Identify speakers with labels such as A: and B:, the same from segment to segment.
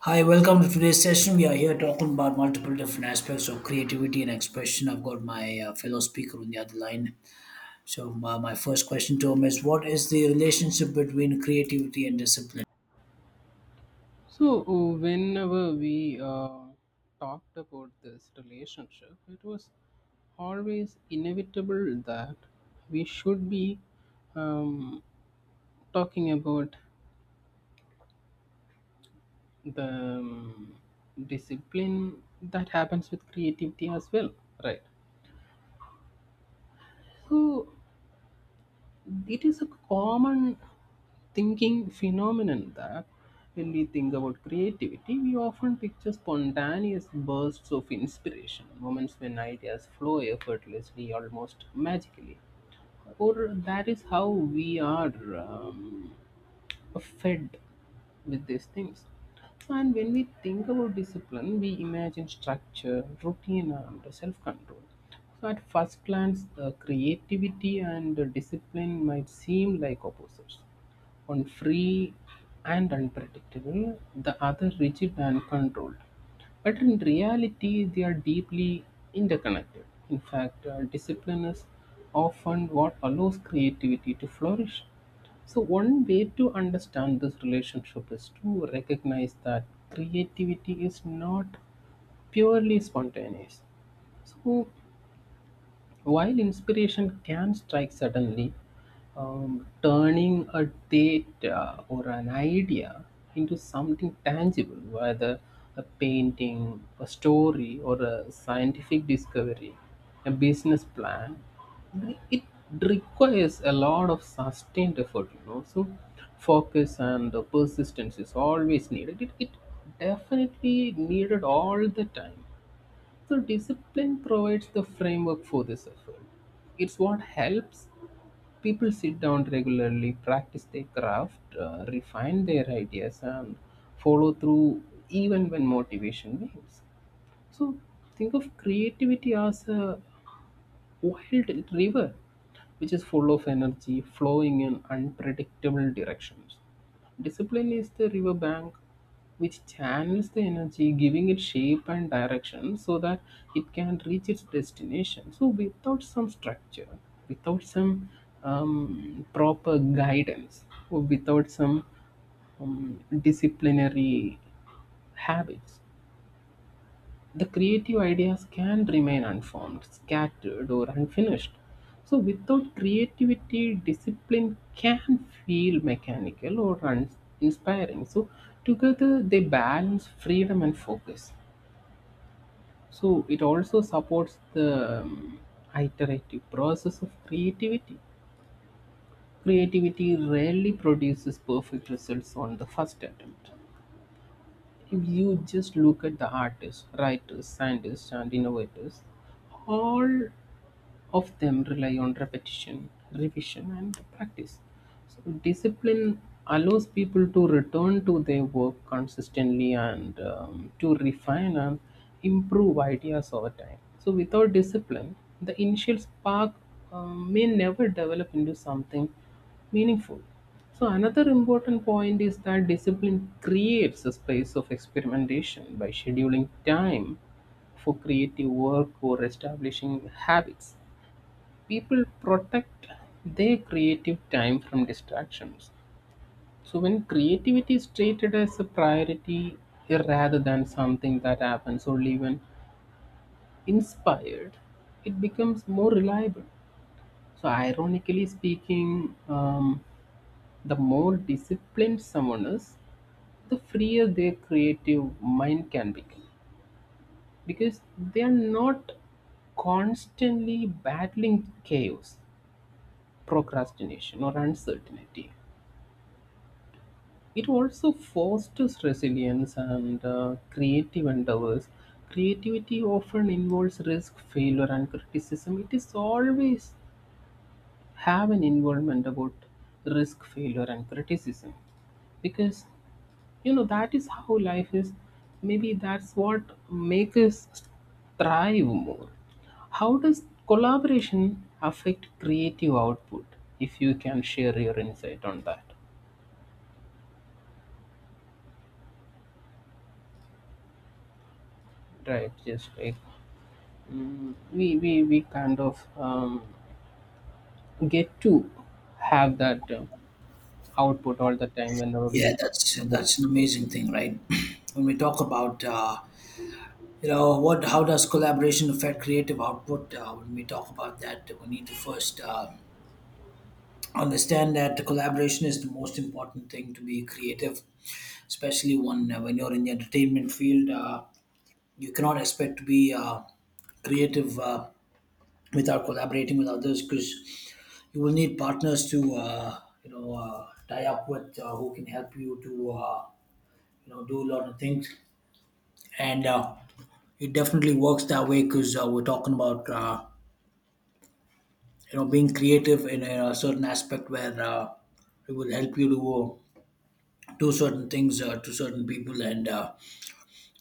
A: Hi, welcome to today's session. We are here talking about multiple different aspects of creativity and expression. I've got my fellow speaker on the other line. So, my first question to him is, what is the relationship between creativity and discipline?
B: So, whenever we talked about this relationship, it was always inevitable that we should be um, talking about the discipline that happens with creativity as well, right? So, it is a common thinking phenomenon that when we think about creativity, we often picture spontaneous bursts of inspiration, moments when ideas flow effortlessly, almost magically. Or that is how we are. Fed with these things. And when we think about discipline, we imagine structure, routine, and self control. So, at first glance, creativity and discipline might seem like opposites, one free and unpredictable, the other rigid and controlled. But in reality, they are deeply interconnected. In fact, discipline is often what allows creativity to flourish. So, one way to understand this relationship is to recognize that creativity is not purely spontaneous. So, while inspiration can strike suddenly, turning a data or an idea into something tangible, whether a painting, a story, or a scientific discovery, a business plan, it requires a lot of sustained effort, you know. So, focus and persistence is always needed. It definitely needed all the time. So discipline provides the framework for this effort. It's what helps people sit down regularly, practice their craft, refine their ideas, and follow through even when motivation wanes. So think of creativity as a wild river which is full of energy flowing in unpredictable directions. Discipline is the river bank which channels the energy, giving it shape and direction so that it can reach its destination. So, without some structure, without some proper guidance, or without some disciplinary habits, the creative ideas can remain unformed, scattered, or unfinished. So, without creativity, discipline can feel mechanical or uninspiring. So, together they balance freedom and focus. So, it also supports the iterative process of creativity. Creativity rarely produces perfect results on the first attempt. If you just look at the artists, writers, scientists, and innovators, all of them rely on repetition, revision, and practice. So, discipline allows people to return to their work consistently and to refine and improve ideas over time. So, without discipline, the initial spark may never develop into something meaningful. So, another important point is that discipline creates a space of experimentation by scheduling time for creative work or establishing habits, people protect their creative time from distractions. So when creativity is treated as a priority rather than something that happens only when inspired, it becomes more reliable. So ironically speaking, the more disciplined someone is, the freer their creative mind can become because they are not constantly battling chaos, procrastination, or uncertainty. It also fosters resilience and creative endeavors. Creativity often involves risk, failure, and criticism. It is always have an involvement about risk, failure, and criticism because you know that is how life is. Maybe that's what makes us thrive more. How does collaboration affect creative output? If you can share your insight on that, right? Just like we kind of get to have that output all the time whenever we
A: Yeah,
B: just
A: that's
B: book.
A: that's an amazing thing, right? When we talk about you know, what, how does collaboration affect creative output? When we talk about that, we need to first understand that the collaboration is the most important thing to be creative, especially when you're in the entertainment field, you cannot expect to be creative without collaborating with others, because you will need partners to, you know, tie up with, who can help you to, you know, do a lot of things. And it definitely works that way, because we're talking about, you know, being creative in a certain aspect where it will help you to do certain things to certain people, and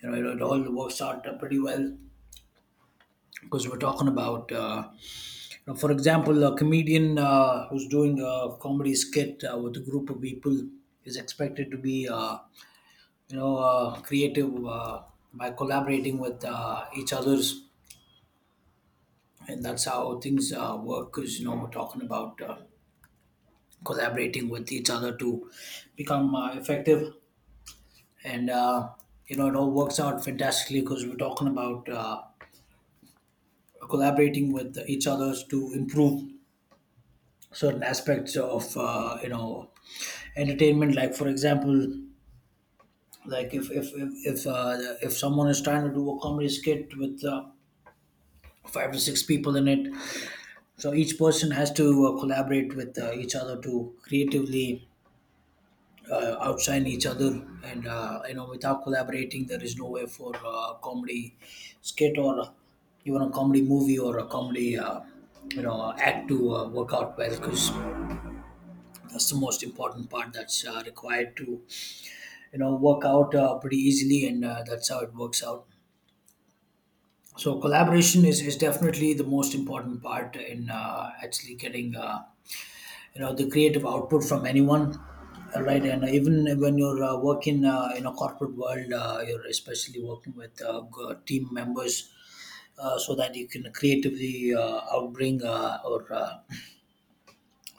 A: you know, it all works out pretty well, because we're talking about, now, for example, a comedian who's doing a comedy skit with a group of people is expected to be, you know, creative by collaborating with each others, and that's how things work. Because you know, we're talking about collaborating with each other to become effective, and you know, it all works out fantastically, because we're talking about collaborating with each others to improve certain aspects of, you know, entertainment. Like, for example, like if someone is trying to do a comedy skit with five to six people in it, so each person has to collaborate with each other to creatively outshine each other. And you know, without collaborating, there is no way for comedy skit or even a comedy movie or a comedy you know act to work out well, because that's the most important part that's required to, you know, work out pretty easily. And that's how it works out. So collaboration is definitely the most important part in actually getting, you know, the creative output from anyone. All right. And even when you're working in a corporate world, you're especially working with, team members, so that you can creatively outbring or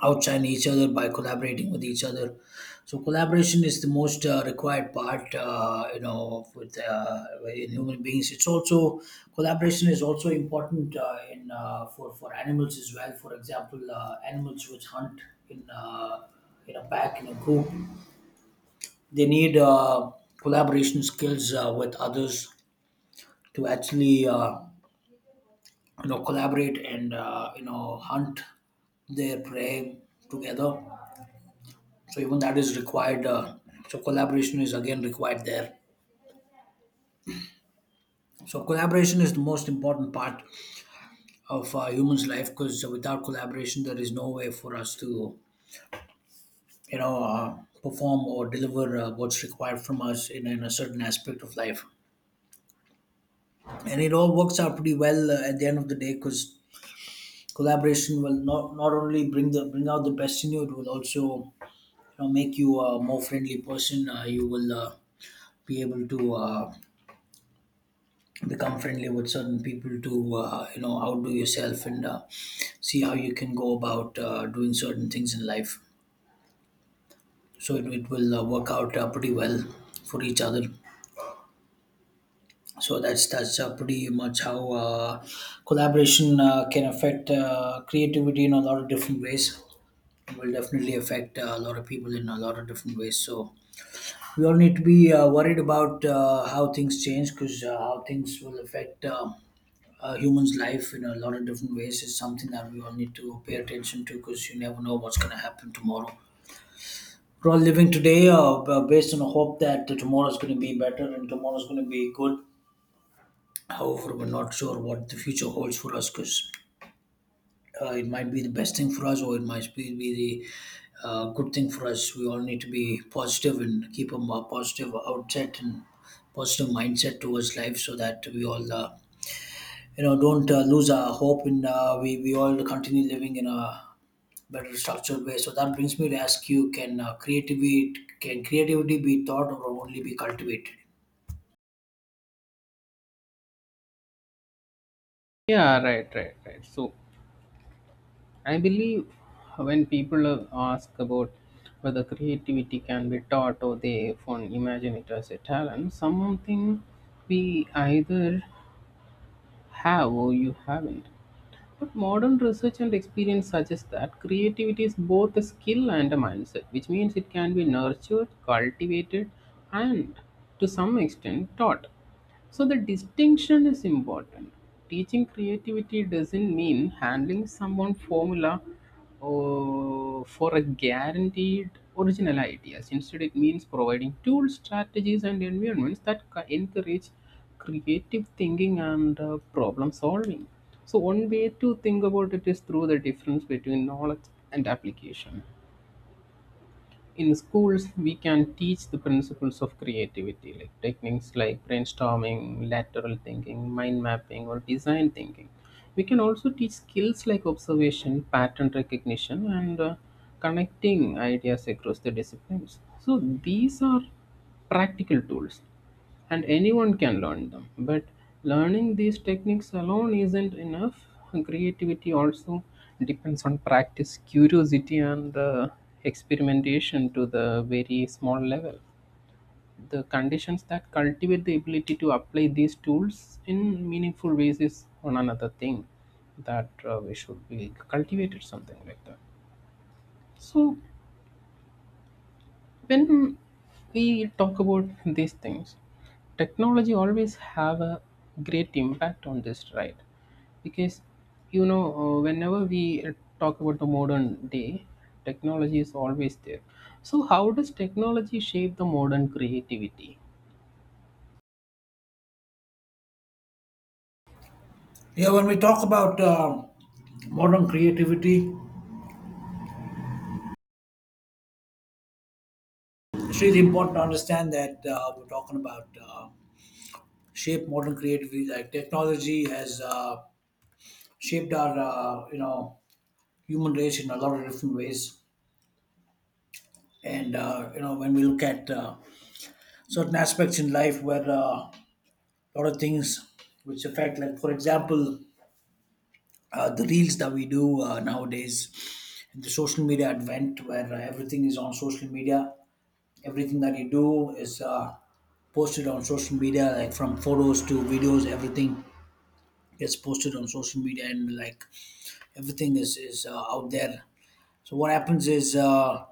A: outshine each other by collaborating with each other. So collaboration is the most required part, you know, with in human beings. It's also, collaboration is also important in for animals as well. For example, animals which hunt in uh, in a pack, in a group, they need collaboration skills with others to actually you know, collaborate and you know, hunt their prey together. So even that is required, so collaboration is again required there. So collaboration is the most important part of humans' life, because without collaboration, there is no way for us to, you know, perform or deliver what's required from us in a certain aspect of life. And it all works out pretty well, at the end of the day, because collaboration will not only bring out the best in you, it will also, you know, make you a more friendly person. You will be able to become friendly with certain people to, you know, outdo yourself and see how you can go about doing certain things in life. So it will work out pretty well for each other. So that's pretty much how collaboration can affect creativity in a lot of different ways. It will definitely affect a lot of people in a lot of different ways. So we all need to be worried about how things change, because how things will affect humans' life in a lot of different ways is something that we all need to pay attention to, because you never know what's going to happen tomorrow. We're all living today based on a hope that tomorrow's going to be better and tomorrow's going to be good. However, we're not sure what the future holds for us, because it might be the best thing for us, or it might be the good thing for us. We all need to be positive and keep a more positive outset and positive mindset towards life, so that we all, you know, don't lose our hope and we all continue living in a better structured way. So that brings me to ask you, can creativity be taught or only be cultivated?
B: Yeah, right, right, right. So I believe when people ask about whether creativity can be taught, or they often imagine it as a talent, something we either have or you haven't. But modern research and experience suggest that creativity is both a skill and a mindset, which means it can be nurtured, cultivated, and to some extent taught. So the distinction is important. Teaching creativity doesn't mean handling someone formula or for a guaranteed original ideas. Instead, it means providing tools, strategies, and environments that encourage creative thinking and problem solving. So one way to think about it is through the difference between knowledge and application. In schools we can teach the principles of creativity, like techniques like brainstorming, lateral thinking, mind mapping, or design thinking. We can also teach skills like observation, pattern recognition, and connecting ideas across the disciplines. So these are practical tools, and anyone can learn them. But learning these techniques alone isn't enough. Creativity also depends on practice, curiosity, and the experimentation to the very small level. The conditions that cultivate the ability to apply these tools in meaningful ways is one another thing that we should be cultivated something like that. So when we talk about these things, technology always have a great impact on this, right? Because you know, whenever we talk about the modern day, technology is always there. So how does technology shape the modern creativity?
A: Yeah, when we talk about modern creativity, it's really important to understand that we're talking about shape modern creativity. Like, technology has shaped our you know, human race in a lot of different ways. And you know, when we look at certain aspects in life where lot of things which affect, like for example, the reels that we do nowadays, and the social media advent where everything is on social media, everything that you do is posted on social media, like from photos to videos, everything gets posted on social media. And like, everything is out there. So what happens is,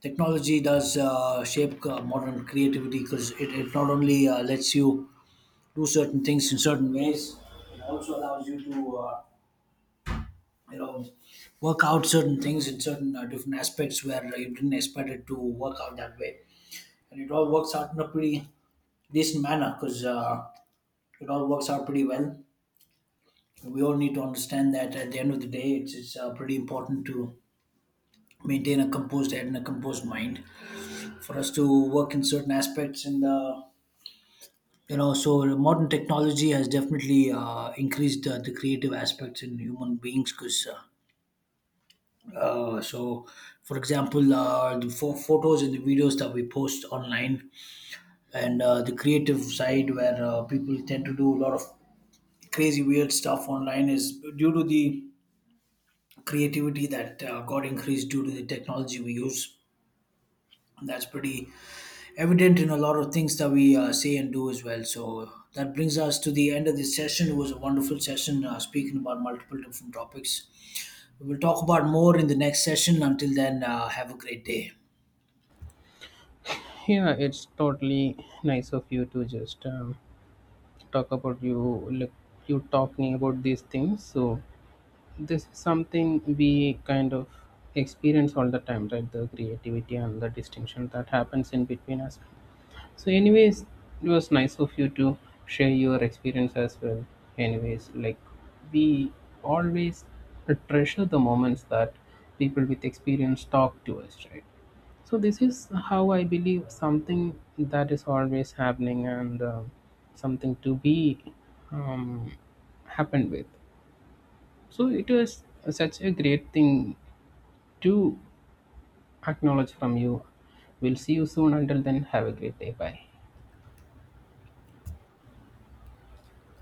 A: technology does shape modern creativity, because it not only lets you do certain things in certain ways. It also allows you to, you know, work out certain things in certain different aspects where you didn't expect it to work out that way. And it all works out in a pretty decent manner, because it all works out pretty well. We all need to understand that at the end of the day, it's pretty important to maintain a composed head and a composed mind for us to work in certain aspects. And you know, so modern technology has definitely increased the creative aspects in human beings, because Uh, so, for example, the photos and the videos that we post online, and the creative side where people tend to do a lot of crazy, weird stuff online is due to the creativity that got increased due to the technology we use. That's pretty evident in a lot of things that we say and do as well. So, that brings us to the end of this session. It was a wonderful session, speaking about multiple different topics. We will talk about more in the next session. Until then, have a great day.
B: Yeah, it's totally nice of you to just talk about, you like, you talking about these things. So this is something we kind of experience all the time, right? The creativity and the distinction that happens in between us. So anyways, it was nice of you to share your experience as well. Anyways, like, we always treasure the moments that people with experience talk to us, right? So this is how I believe, something that is always happening, and um, something to be um, happened with. So it was such a great thing to acknowledge from you. We'll see you soon. Until then, have a great day. Bye.